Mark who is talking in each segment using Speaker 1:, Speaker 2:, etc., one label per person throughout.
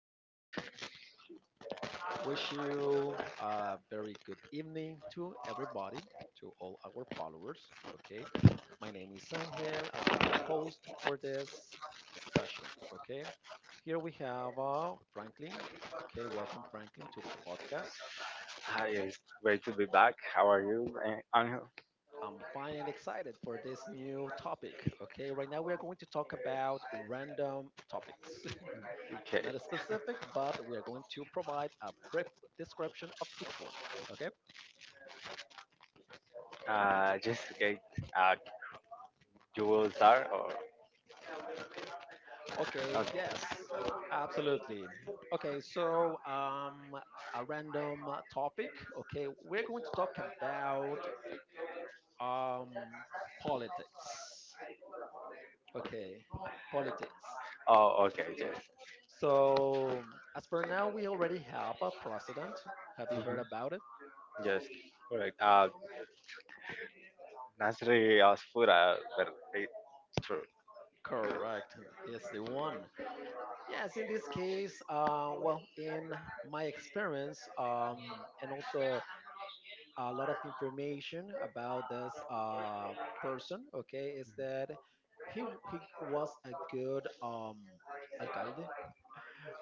Speaker 1: time. Wish you a very good evening to everybody, to all our followers. Okay, my name is Angel. I'll be your host for this session. Okay, here we have Franklin. Okay, welcome Franklin to the podcast.
Speaker 2: Hi, it's great to be back. How are you, Angel?
Speaker 1: I'm fine and excited for this new topic. Okay, right now we are going to talk about random topics.
Speaker 2: Okay.
Speaker 1: Not specific, but we are going to provide a brief description of each one. Okay.
Speaker 2: Just okay. Uh, you will start or
Speaker 1: Okay.
Speaker 2: okay?
Speaker 1: Yes. Absolutely. Okay. A random topic. Okay, we're going to talk about um politics. Okay, politics.
Speaker 2: Oh, okay. Yes.
Speaker 1: So, as for now, we already have a president. Have you heard
Speaker 2: Mm-hmm.
Speaker 1: about it?
Speaker 2: Yes. Correct. Nasri Asfura, but it- true.
Speaker 1: Correct. He's the one. Yes, in this case, well, in my experience, and also a lot of information about this person, okay, is that he he was a good alcalde,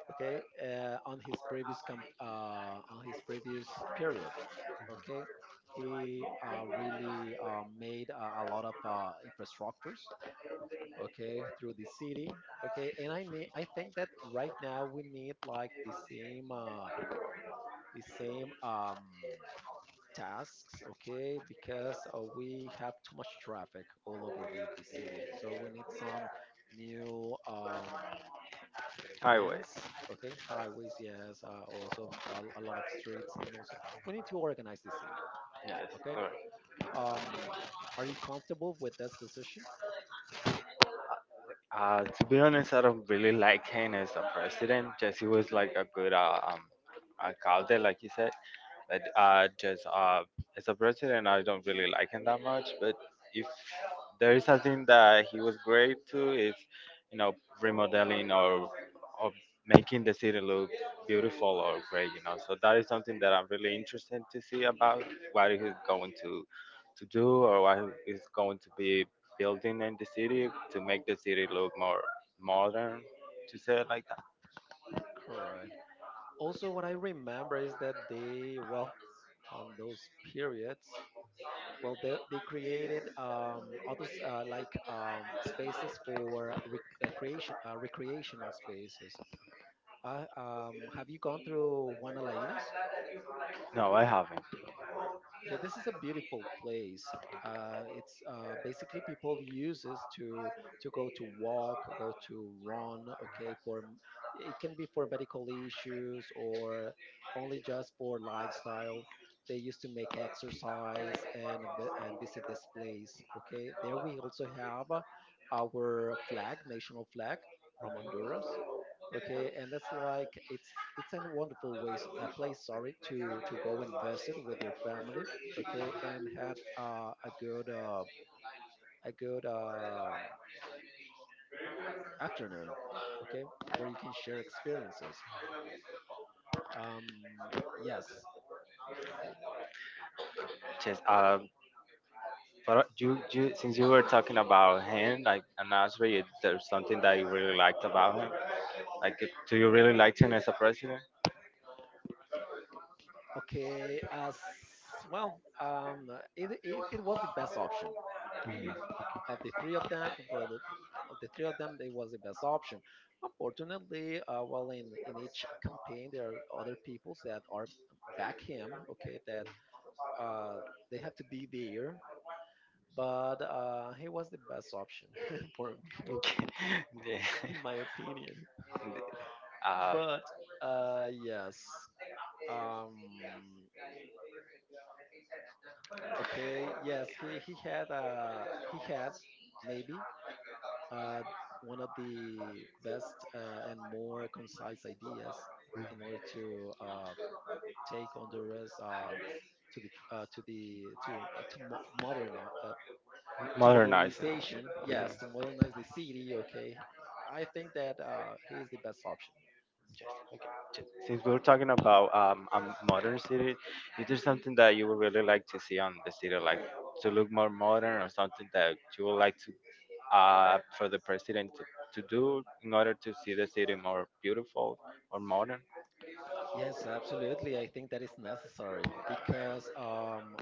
Speaker 1: okay, on his previous period, okay. He really made a lot of infrastructures, okay, through the city, okay. I think that right now we need like the same tasks, okay, because we have too much traffic all over the city. So we need some new
Speaker 2: Highways.
Speaker 1: plans, okay, highways, yes, also a lot of streets, and also we need to organize the city,
Speaker 2: Yes.
Speaker 1: okay.
Speaker 2: Correct.
Speaker 1: Um, are you comfortable with this decision?
Speaker 2: To be honest, I don't really like him as a president. Just he was like a good a alcalde, like you said. But just as a president, I don't really like him that much. But if there is something that he was great to, is you know remodeling or or making the city look beautiful or great. You know, so that is something that I'm really interested to see about what he's going to do or what he's going to be building in the city to make the city look more modern. To say it like that.
Speaker 1: Correct. Also, what I remember is that they, well, on those periods, well, they created others spaces for creation, recreational spaces. Have you gone through Juana La.
Speaker 2: No, I haven't.
Speaker 1: Yeah, this is a beautiful place. It's basically people uses to go to walk, go to run. Okay, it can be for medical issues or only just for lifestyle. They used to make exercise and and visit this place. Okay, there we also have our flag, national flag from Honduras. Okay, and that's like it's a wonderful ways place, sorry, to go and visit with your family, okay, and had a good afternoon, okay, where you can share experiences. um yes.
Speaker 2: Just But You, since you were talking about him, like and Asbury, if there's something that you really liked about him. Like, do you really like him as a president?
Speaker 1: Okay, as well, um it was the best option
Speaker 2: Mhm.
Speaker 1: of the three of them, but of the three of them, they was the best option. Unfortunately, well, in each campaign, there are other peoples that are back him. Okay, that uh, they have to be there, but he was the best option for me,
Speaker 2: Okay.
Speaker 1: in my opinion.
Speaker 2: Yeah. Uh,
Speaker 1: But yes, um, okay, yes, he had he has maybe uh, one of the best and more concise ideas in order to take on the rest to the to the to mo- modern to
Speaker 2: modernize it.
Speaker 1: modernization.
Speaker 2: Yeah.
Speaker 1: Yes, to
Speaker 2: Mhm.
Speaker 1: modernize the city, okay. I think that he is the best option.
Speaker 2: Since we were talking about a modern city, is there something that you would really like to see on the city, like to look more modern, or something that you would like to for the president to do in order to see the city more beautiful or modern?
Speaker 1: Yes, absolutely, I think that is necessary because,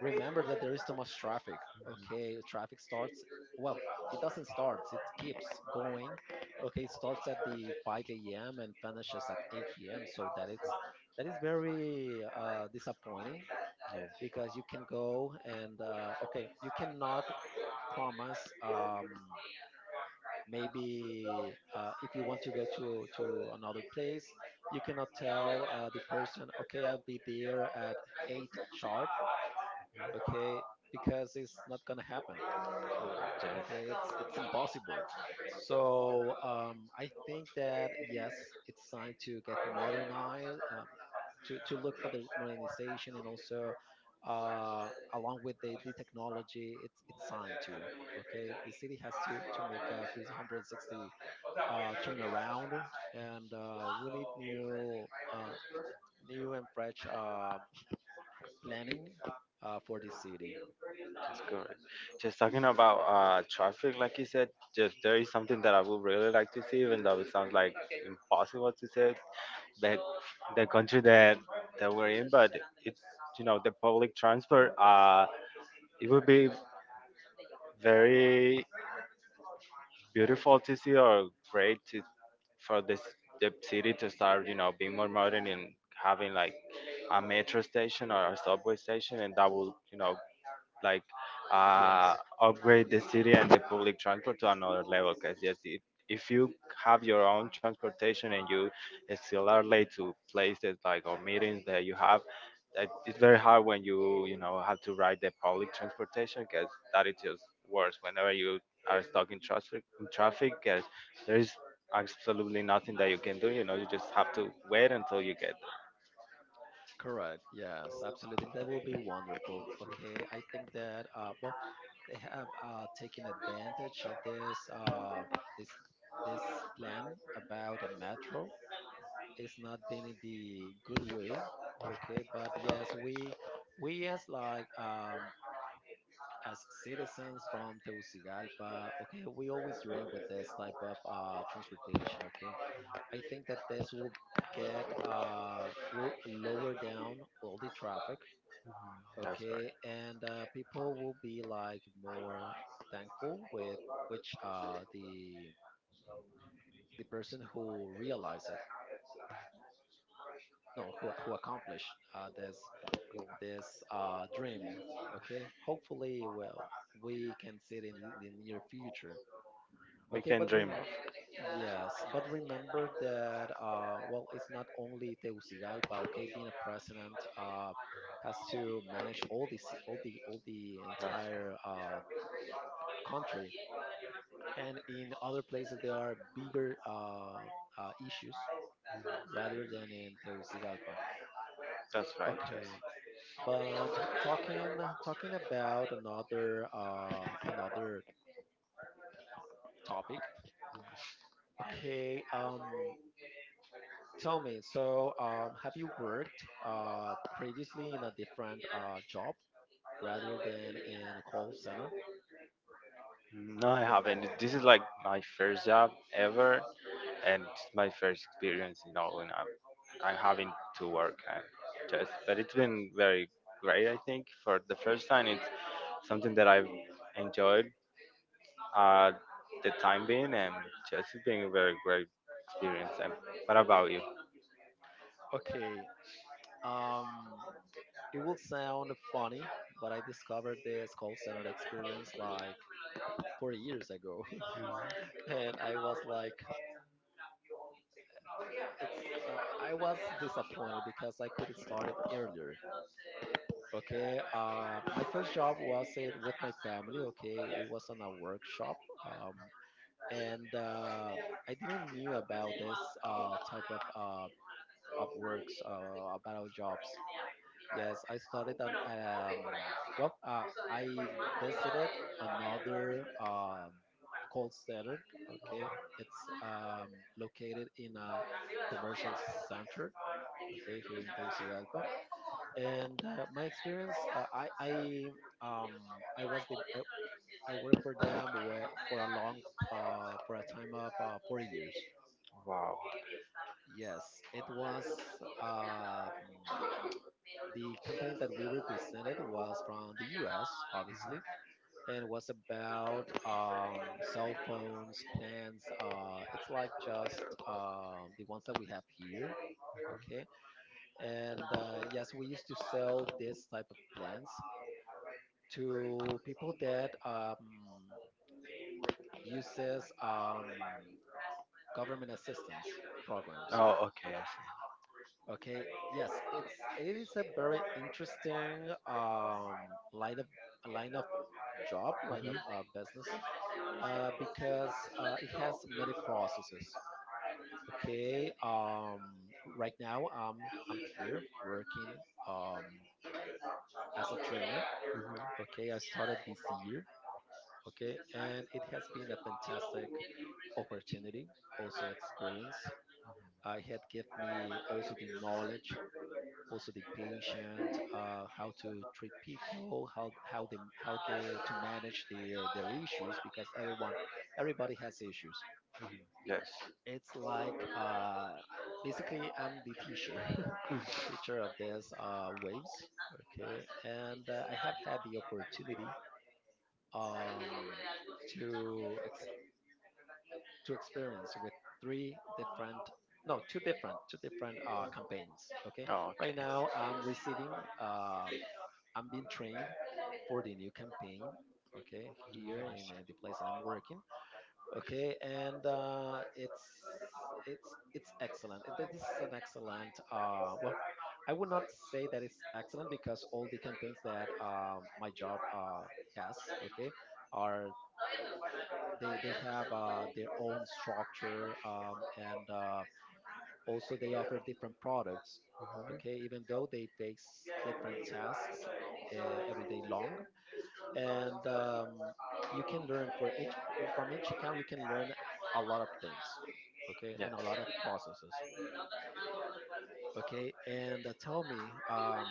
Speaker 1: remember that there is too much traffic. Okay, traffic starts. Well, it doesn't start. It keeps going. Okay, it starts at the 5 a.m. and finishes at 8 p.m. So that is very disappointing,
Speaker 2: Yes.
Speaker 1: because you can go and okay, you cannot promise, maybe if you want to go to another place, you cannot tell the person, okay, I'll be there at 8 sharp, okay, because it's not gonna happen, okay,
Speaker 2: Yes.
Speaker 1: it's impossible. So, I think that yes, it's time to get modernized. To look for the modernization, and also, uh, along with the technology, it's time to, okay, the city has to make a 360 turnaround. And we need new new and fresh planning for the city.
Speaker 2: That's correct. Just talking about traffic, like you said, just there is something that I would really like to see, even though it sounds like impossible to say, that the country that we're in, but it's the public transport. It would be very beautiful to see or great to for this the city to start, you know, being more modern and having like a metro station or a subway station, and that will, you know, like uh,
Speaker 1: Yes.
Speaker 2: upgrade the city and the public transport to another level. Because yes, if you have your own transportation and you still are late to places like or meetings that you have, that it's very hard when you know, have to ride the public transportation because that is just worse. Whenever you are stuck in traffic, because there is absolutely nothing that you can do. You know, you just have to wait until you get.
Speaker 1: Correct. Yes, absolutely. That will be wonderful. Okay, I think that well, they have taken advantage of this this this plan about a metro. It's not been in the good way. Okay, but yes, we as like as citizens from Tegucigalpa, okay, we always dream with this type of transportation. Okay, I think that this will get will lower down all the traffic.
Speaker 2: That's
Speaker 1: Okay, and people will be like more thankful with which the person who realized it, no, who accomplished this dream. Okay, hopefully, well, we can see it in the near future.
Speaker 2: we
Speaker 1: Okay,
Speaker 2: can dream of.
Speaker 1: yes, but remember that well, it's not only Tegucigalpa. Okay, being a president has to manage all the all the
Speaker 2: That's,
Speaker 1: entire country, and in other places there are bigger issues rather than in Tegucigalpa.
Speaker 2: that's right, yes.
Speaker 1: Okay, but talking talking about another another topic. Okay, tell me. So, have you worked previously in a different job rather than in a call center?
Speaker 2: No, I haven't. This is like my first job ever, and it's my first experience. You know, I'm having to work. And just, but it's been very great. I think for the first time, it's something that I've enjoyed uh, the time being, and just it's been a very great experience. And what about you?
Speaker 1: Okay. Um, it will sound funny, but I discovered this call center experience like 4 years ago, and I was like, it's. I was disappointed because I could have started earlier. Okay, my first job was it with my family. Okay, it was on a workshop, um, and I didn't knew about this type of works about our jobs. Yes, I started on. Well, I visited another call center. Okay, it's located in a commercial center. Okay, here in Tegucigalpa, and my experience, um, I was I worked for them for a long for a time of 4 years.
Speaker 2: Wow.
Speaker 1: Yes, it was. um The company that we represented was from the US, obviously, and was about cell phones, plans. It's like just the ones that we have here. Okay. And yes, we used to sell this type of plans to people that uses government assistance programs.
Speaker 2: Oh, okay, I see.
Speaker 1: Okay. Yes, it is a very interesting line of line of job, line of
Speaker 2: Mhm.
Speaker 1: business, because it has many processes. Okay. Right now, I'm here working um, as a trainer.
Speaker 2: Mhm.
Speaker 1: Okay, I started this year. Okay, and it has been a fantastic opportunity, also experience. I had give me also the knowledge, also the patient, how to treat people, how they to manage their issues, because everyone, everybody has issues.
Speaker 2: Yes.
Speaker 1: It's like basically I'm the teacher teacher of this waves. Okay, and I have had the opportunity, um, to ex- to experience with three different no two different campaigns. Okay,
Speaker 2: Oh,
Speaker 1: right now I'm
Speaker 2: okay.
Speaker 1: receiving I'm being trained for the new campaign. Okay, here in the place that I'm working. Okay, and it's excellent. And this is an excellent. Well, I would not say that it's excellent because all the campaigns that my job has, okay, are they have their own structure, and also they offer different products. Okay, even though they face different tasks every day long, and you can learn for each, from each account you can learn a lot of things, okay,
Speaker 2: Yes.
Speaker 1: and a lot of processes, okay. And tell me,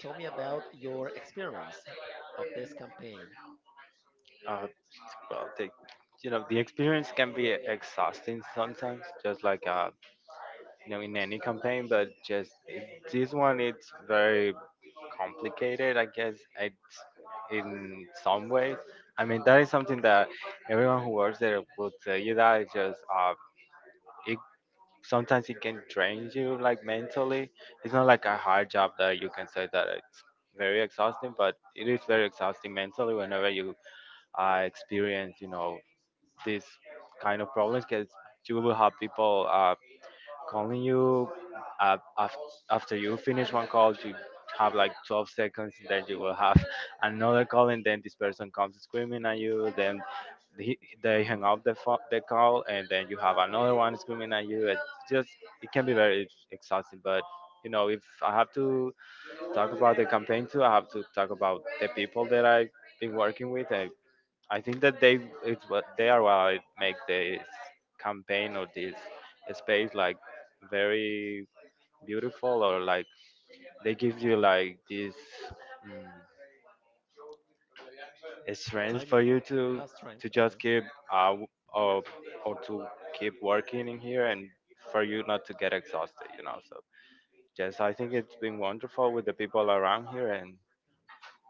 Speaker 1: tell me about your experience of this campaign.
Speaker 2: Uh, Well, the you know the experience can be exhausting sometimes, just like you know in any campaign. But just this one, it's very complicated. I guess it's in some ways. I mean that is something that everyone who works there will tell you that it's just it sometimes it can drain you like mentally. It's not like a hard job that you can say that it's very exhausting, but it is very exhausting mentally whenever you experience, you know, this kind of problems because you will have people calling you uh, af- after you finish one call you have like 12 seconds and then you will have another call and then this person comes screaming at you then he, they hang up the call and then you have another one screaming at you it just it can be very exhausting but you know if I have to talk about the campaign too I have to talk about the people that I've been working with. I think that they it's what they are what make this campaign or this space like very beautiful or like they give you like this mm, strength for
Speaker 1: Timing,
Speaker 2: you
Speaker 1: strength,
Speaker 2: to just
Speaker 1: okay.
Speaker 2: keep uh or, or to keep working in here and for you not to get exhausted, you know. So yes, I think it's been wonderful with the people around here, and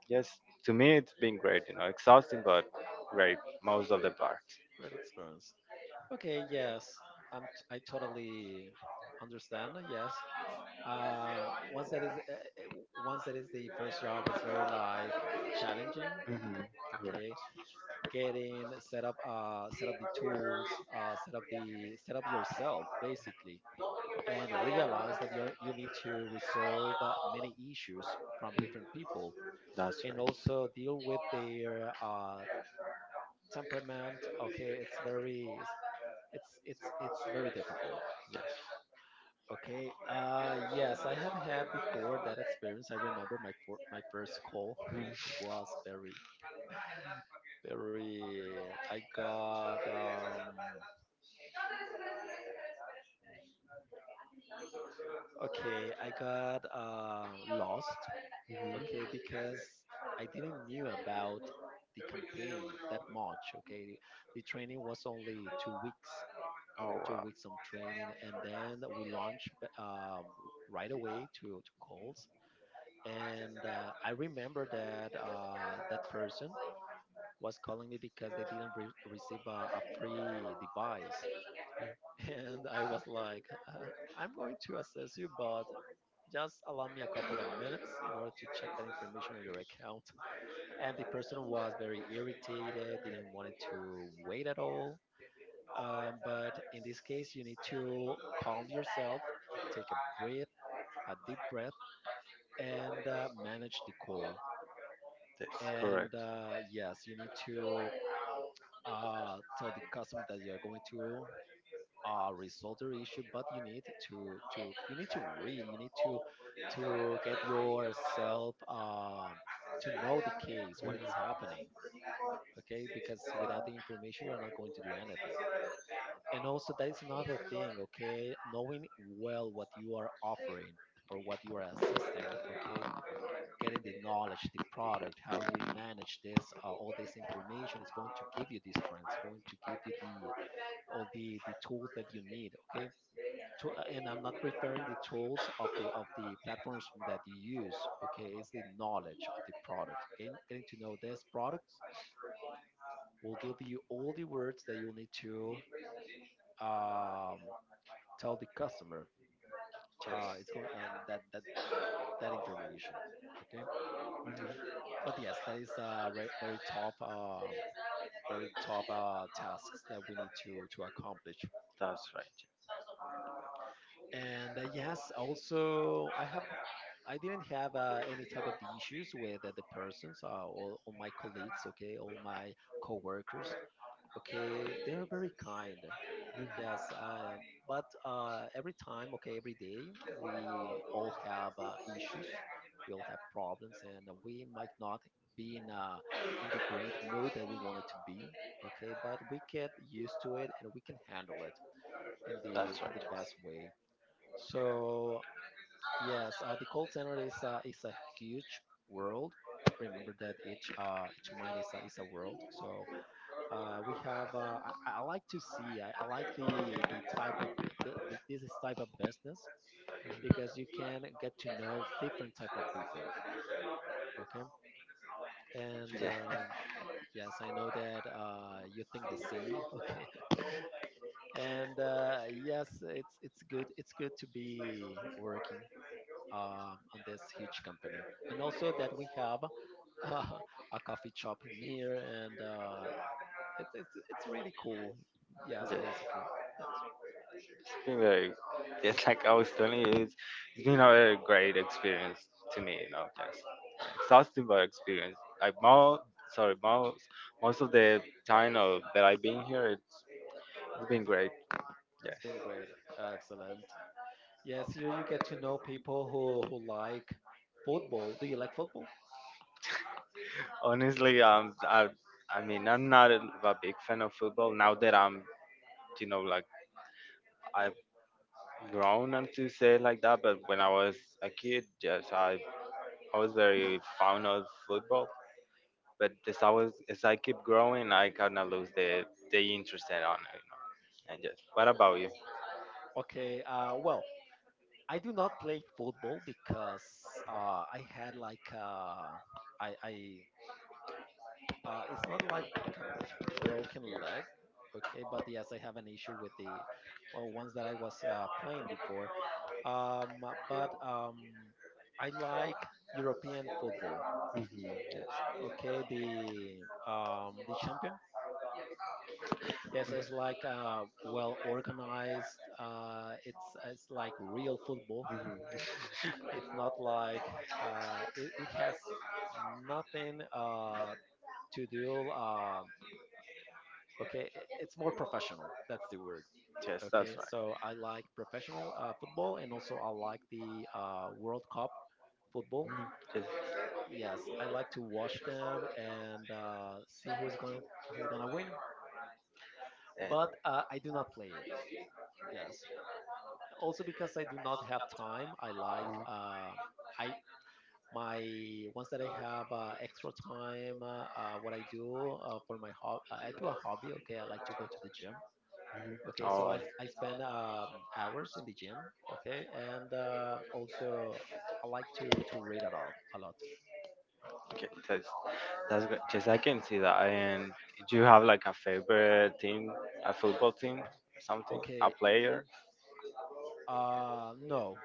Speaker 2: yes, to me it's been great, you know, exhausting but great most of the
Speaker 1: Great,
Speaker 2: part.
Speaker 1: great experience, okay. Yes, I totally understand, yes. uh, once that is uh, uh, once that is the first job is very like challenging,
Speaker 2: Hmm.
Speaker 1: okay. Get in, set up the tools, set up yourself basically, and realize that you need to resolve many issues from different people,
Speaker 2: That's
Speaker 1: and
Speaker 2: right.
Speaker 1: also deal with their temperament. Okay, it's very, it's very difficult. Okay. Yes, I have had before that experience. I remember my first call.
Speaker 2: Mm.
Speaker 1: It was very very. I got okay, I got lost.
Speaker 2: Mhm.
Speaker 1: Okay, because I didn't knew about the campaign that much. Okay, the training was only 2 weeks,
Speaker 2: Oh
Speaker 1: two
Speaker 2: wow,
Speaker 1: weeks of training, and then we launched right away to calls. And I remember that that person was calling me because they didn't receive a free device, and I was like, uh, I'm going to assess you, but just allow me a couple of minutes in order to check that information on your account. And the person was very irritated, didn't want to wait at all. But in this case, you need to calm yourself, take a breath, a deep breath, and manage the call.
Speaker 2: that's correct.
Speaker 1: And yes, you need to tell the customer that you are going to resolve the issue, but you need to you need to read. You need to get yourself to know the case, what it's happening. Okay, because without the information, you're not going to do anything. And also, that is another thing. Okay, knowing well what you are offering or what you are assisting. Okay, getting the knowledge, the product, how you manage this, all this information is going to give you these strengths, going to give you the all the tools that you need. Okay, to, and I'm not referring the tools of the platforms that you use. Okay, it's the knowledge of the product. Getting to know this product will give you all the words that you'll need to um, tell the customer.
Speaker 2: Yes,
Speaker 1: It's going that that that information. Okay, but yes, that is a very tough, uh, very tough tasks that we need to accomplish.
Speaker 2: that's right.
Speaker 1: And yes, also, I didn't have any type of issues with the persons, all my colleagues, okay, all my coworkers. Okay, they are very kind. Yes, but every time, okay, every day, we all have issues, we all have problems, and we might not be in the great mood that we wanted to be. Okay, but we get used to it and we can handle it in the best way. So yes, the call center is a huge world. Remember that each mine is a world. So uh, we have. Uh, I like to see. I like the type of the, this is type of business, because you can get to know different type of people. Okay, and
Speaker 2: Yeah,
Speaker 1: yes, I know that you think the same. Okay, and yes, it's it's good to be working on this huge company. And also that we have uh, a coffee shop in here, and uh, it's it's really cool. Yes,
Speaker 2: yeah.
Speaker 1: basically, yes,
Speaker 2: It's been very, just like I was telling you, it's been a very great experience to me. You know, exhausting but experience. Like most, sorry, most Most of the time of, that I've been here, it's been great. Yes,
Speaker 1: it's been great, excellent. Yes, here you get to know people who like football. Do you like football?
Speaker 2: honestly, I mean, I'm not a, a big fan of football now that I'm, you know, like I've grown and to say it like that. But when I was a kid, yes, I was very fond of football. But as I keep growing, I kind of lose the interest in on it. You know? And yes, what about you?
Speaker 1: Okay, well, I do not play football because I had like I it's not like a broken leg, okay, but yes, I have an issue with the well ones that I was playing before. Um, but I like European football,
Speaker 2: Hmm. Yes,
Speaker 1: okay, the champion. Yes, it's like well organized. It's like real football.
Speaker 2: hmm
Speaker 1: It's not like it has nothing to do. Okay, it's more professional. That's the word.
Speaker 2: yes,
Speaker 1: Okay,
Speaker 2: that's right.
Speaker 1: so I like professional football, and also I like the World Cup football.
Speaker 2: Mhm. Yes.
Speaker 1: Yes, I like to watch them and see who's gonna win.
Speaker 2: And
Speaker 1: But I do not play it. Yes, also because I do not have time. I like
Speaker 2: mm,
Speaker 1: I my once that I have extra time. What I do for my hobby, I do a hobby. Okay, I like to go to the gym. Okay,
Speaker 2: oh,
Speaker 1: so
Speaker 2: I,
Speaker 1: I spend hours in the gym. Okay, and also I like to read a lot, a lot.
Speaker 2: okay, that's good. Just I can see that. And do you have like a favorite team, a football team, something, a
Speaker 1: Okay,
Speaker 2: player?
Speaker 1: no,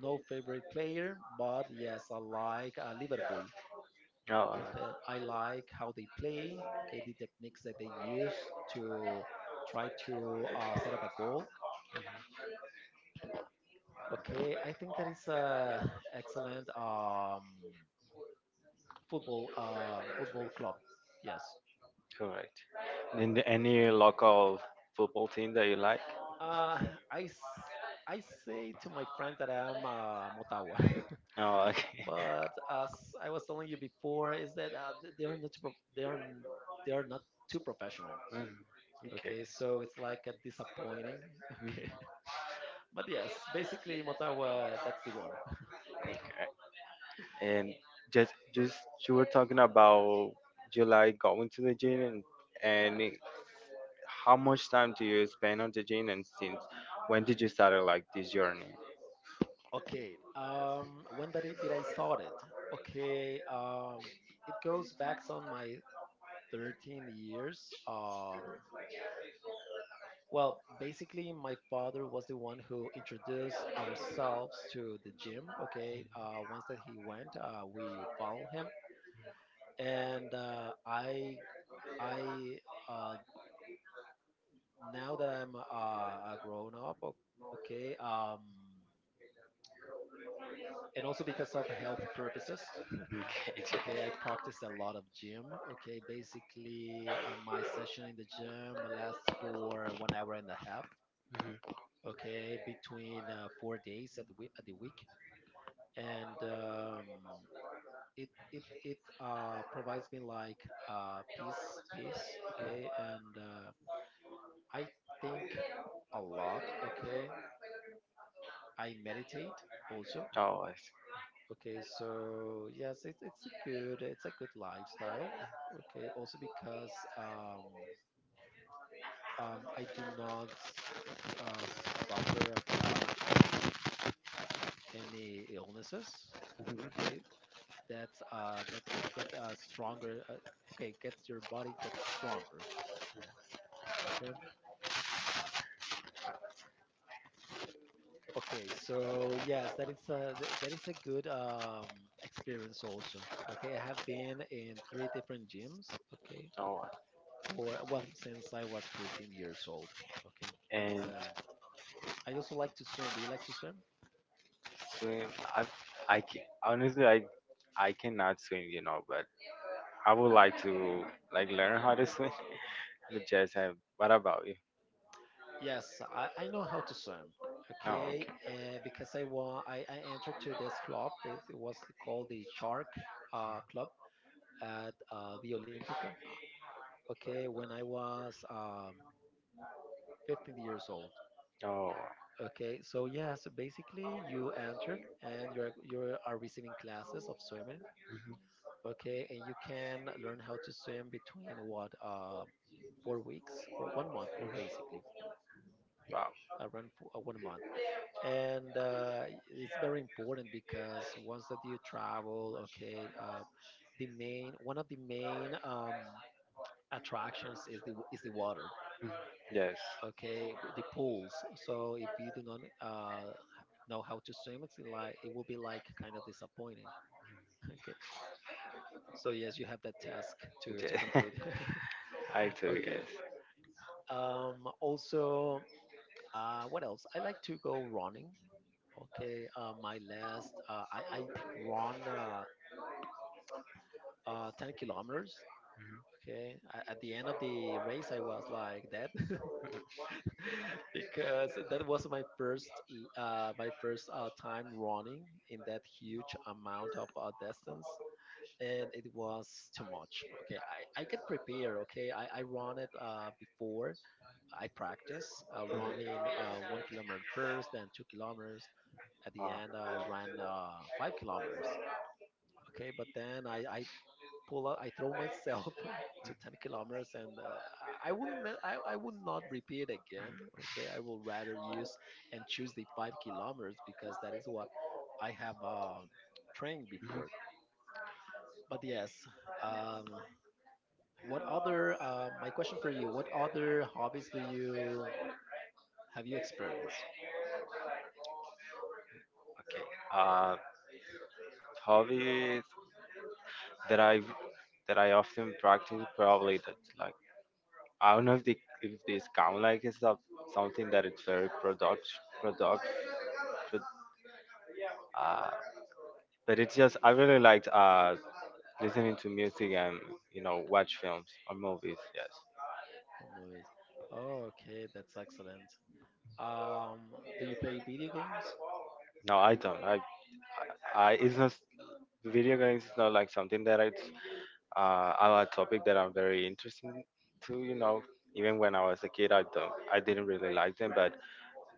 Speaker 1: no favorite player, but yes, I like Liverpool.
Speaker 2: No,
Speaker 1: Okay, I like how they play. Okay, the techniques that they use to try to set up a goal. Okay, I think that is a excellent football football club. Yes.
Speaker 2: correct. And any local football team that you like?
Speaker 1: Uh, I, s- I say to my friend that I'm Motagua.
Speaker 2: Oh, okay.
Speaker 1: But as I was telling you before, is that th- they are not pro- they are n- they are not too professional.
Speaker 2: Mm, okay.
Speaker 1: Okay, so it's like a disappointing.
Speaker 2: Mm,
Speaker 1: Okay, but yes, basically Motawa, that's the one.
Speaker 2: okay. And just you were talking about July going to the gym and and it- how much time do you spend on the gym, and since when did you start like this journey?
Speaker 1: Okay, did I start it? Okay, it goes back on my 13 years. Well, basically, my father was the one who introduced ourselves to the gym. Okay, once that he went, we follow him, and I, uh, now that I'm a grown up, okay, and also because of health purposes,
Speaker 2: Mm.
Speaker 1: okay, I practice a lot of gym. Okay, basically, my session in the gym lasts for 1 hour and a half. Okay, between 4 days at the week, at the week, and it it it provides me like peace, peace. Okay, and I think a lot. Okay, I meditate also.
Speaker 2: Oh, I see.
Speaker 1: Okay, so yes, it's it's a good lifestyle. Okay, also because I do not suffer about any illnesses. Okay, that get uh, stronger. Uh, okay, gets your body gets stronger. Okay. Okay. So yes, that is a that is a good experience also. Okay, I have been in three different gyms. Okay,
Speaker 2: Oh,
Speaker 1: for well, since I was 13 years old. Okay, that is
Speaker 2: and
Speaker 1: a good. I also like to swim. Do you like to swim?
Speaker 2: swim. I I can, honestly I cannot swim, you know, but I would like to like learn how to swim. But just have. What about you?
Speaker 1: Yes, I know how to swim.
Speaker 2: Oh,
Speaker 1: Okay,
Speaker 2: okay.
Speaker 1: because I entered to this club. It was called the Shark Club at the Olympica. Okay, when I was 15 years old.
Speaker 2: Oh,
Speaker 1: Okay, so yeah, so basically you entered and you are receiving classes of swimming. Okay, and you can learn how to swim between what, 4 weeks or 1 month, basically
Speaker 2: wow.
Speaker 1: around for, 1 month. And it's very important, because once that you travel, okay, the main, one of the main attractions is the water,
Speaker 2: Yes.
Speaker 1: okay, the pools. So if you do not know how to swim, it's like it will be like kind of disappointing. Okay, so yes, you have that task to
Speaker 2: Okay,
Speaker 1: complete.
Speaker 2: I too, yes.
Speaker 1: Okay, also, what else, I like to go running. Okay, my last I run 10 kilometers. Okay, at the end of the race, I was like dead. Because that was my my first time running in that huge amount of distance, and it was too much. Okay, I get prepared. Okay, I run it before. I practice running, 1 kilometer first, then 2 kilometers. At the
Speaker 2: Uh,
Speaker 1: end, I ran 5 kilometers. Okay, but then I pull out. I throw myself to 10 kilometers, and I would not repeat again. Okay, I will rather use and choose the 5 kilometers, because that is what I have trained
Speaker 2: mhm.
Speaker 1: before. But yes, um, what other? My question for you: what other hobbies do you have you experienced?
Speaker 2: uh, Hobbies that I that I often practice probably that like I don't know if the if this count like it's not something that it's very product pro- uh, but it's just I really liked listening to music and you know watch films or movies. Yes.
Speaker 1: From movies? Oh, okay, that's excellent. Do you play video games?
Speaker 2: No, I don't. I it's not video games. Is not like something that I are a topic that I'm very interested to. You know, even when I was a kid, I didn't really like them. But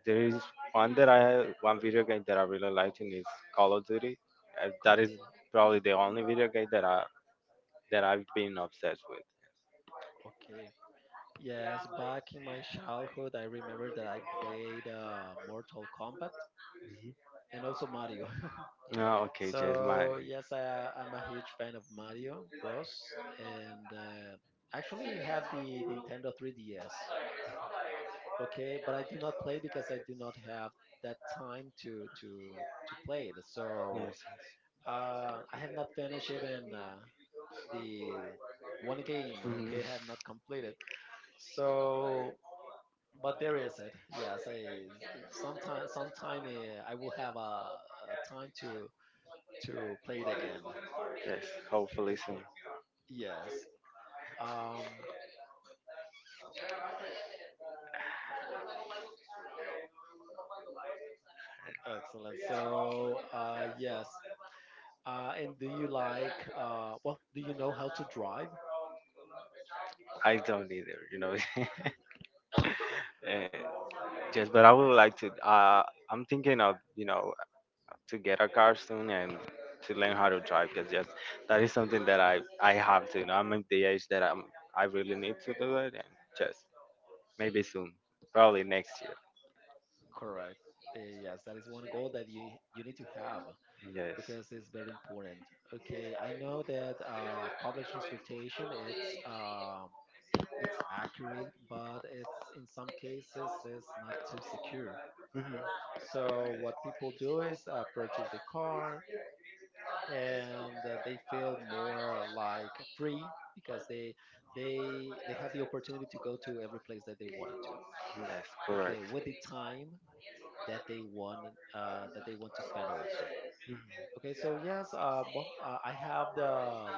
Speaker 2: there is one that one video game that I really liked, and is Call of Duty.
Speaker 1: Call
Speaker 2: That
Speaker 1: of
Speaker 2: is
Speaker 1: Duty.
Speaker 2: probably the only video game that I that I've been obsessed with.
Speaker 1: Okay, yes, back in my childhood, I remember that I played Mortal Kombat, and also Mario.
Speaker 2: Oh, okay, Jess, my
Speaker 1: So yes, I'm a huge fan of Mario Bros., and actually have the Nintendo 3DS. Okay, but I do not play because I do not have that time to to play it. So
Speaker 2: yes, yes,
Speaker 1: I have not finished even the one game.
Speaker 2: mhm.
Speaker 1: Okay, I have not completed. So but there is it. Yes, I sometime I will have a time to play it again.
Speaker 2: Yes, hopefully
Speaker 1: Okay.
Speaker 2: soon.
Speaker 1: Yes. Um. Excellent. So, yes. And do you like? Well, do you know how to drive?
Speaker 2: I don't either, you know. Eh, Yes, but I would like to. I'm thinking of you know to get a car soon and to learn how to drive because yes, that is something that I have to. You know, I'm at the age that I really need to do it, and just maybe soon, probably next year.
Speaker 1: Correct. Yes, that is one goal that you need to have,
Speaker 2: Yes.
Speaker 1: because it's very important. Okay. I know that public transportation it's it's accurate, but it's in some cases it's not too secure.
Speaker 2: Mhm.
Speaker 1: So what people do is purchase the car, and they feel more like free, because they they have the opportunity to go to every place that they wanted to.
Speaker 2: Yes, correct.
Speaker 1: Okay, with the time that they want, that they want to spend also.
Speaker 2: Mhm.
Speaker 1: Okay, so yes, I have the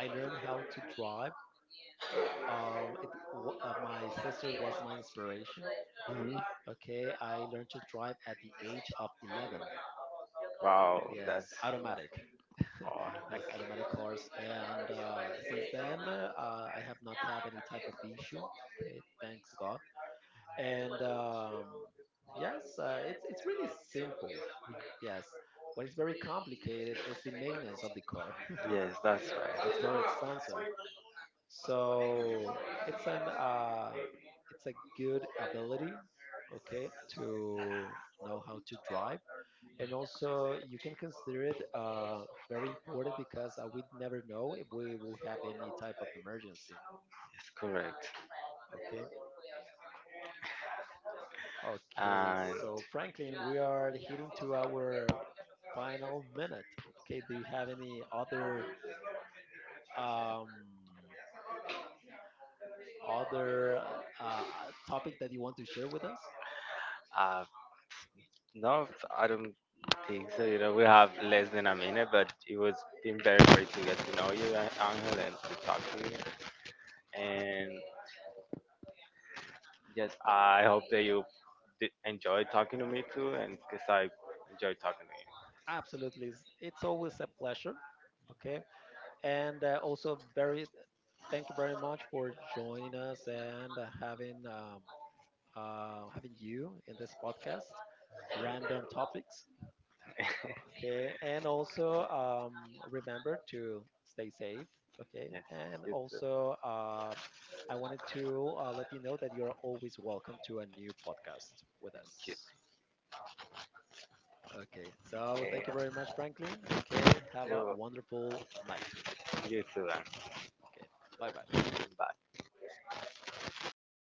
Speaker 1: I learned how to drive. My sister was my inspiration.
Speaker 2: Mhm.
Speaker 1: Okay, I learned to drive at the age of 11.
Speaker 2: Wow, that's
Speaker 1: Yes, automatic.
Speaker 2: oh,
Speaker 1: Yes,
Speaker 2: like,
Speaker 1: automatic cars. And since then, I have not had any type of issue. Okay, thanks God. And yes, it's really simple. Yes, what is very complicated is the maintenance of the car.
Speaker 2: yes, that's right.
Speaker 1: It's very expensive. So it's an it's a good ability. Okay, to know how to drive, and also you can consider it very important, because we never know if we will have any type of emergency.
Speaker 2: It's correct.
Speaker 1: Okay. Okay,
Speaker 2: And
Speaker 1: so Franklin, we are heading to our final minute. Okay, do you have any other um, other uh, uh, topic that you want to share with us?
Speaker 2: uh, no, I don't think so. You know, we have less than a minute, but it was been very great to get to know you, Angel, and to talk to you. And yes, I hope that you did enjoy talking to me too, and because I enjoy talking to you.
Speaker 1: Absolutely. It's always a pleasure. Okay. And also, very thank you very much for joining us, and having you in this podcast, random topics. Okay, and also remember to stay safe. Okay,
Speaker 2: Yes,
Speaker 1: and also I wanted to let you know that you're always welcome to a new podcast with
Speaker 2: thank
Speaker 1: us. Okay, so thank you very much, Franklin. Okay, have a wonderful night.
Speaker 2: you. You too, Angel.
Speaker 1: Okay, bye bye.
Speaker 2: Bye.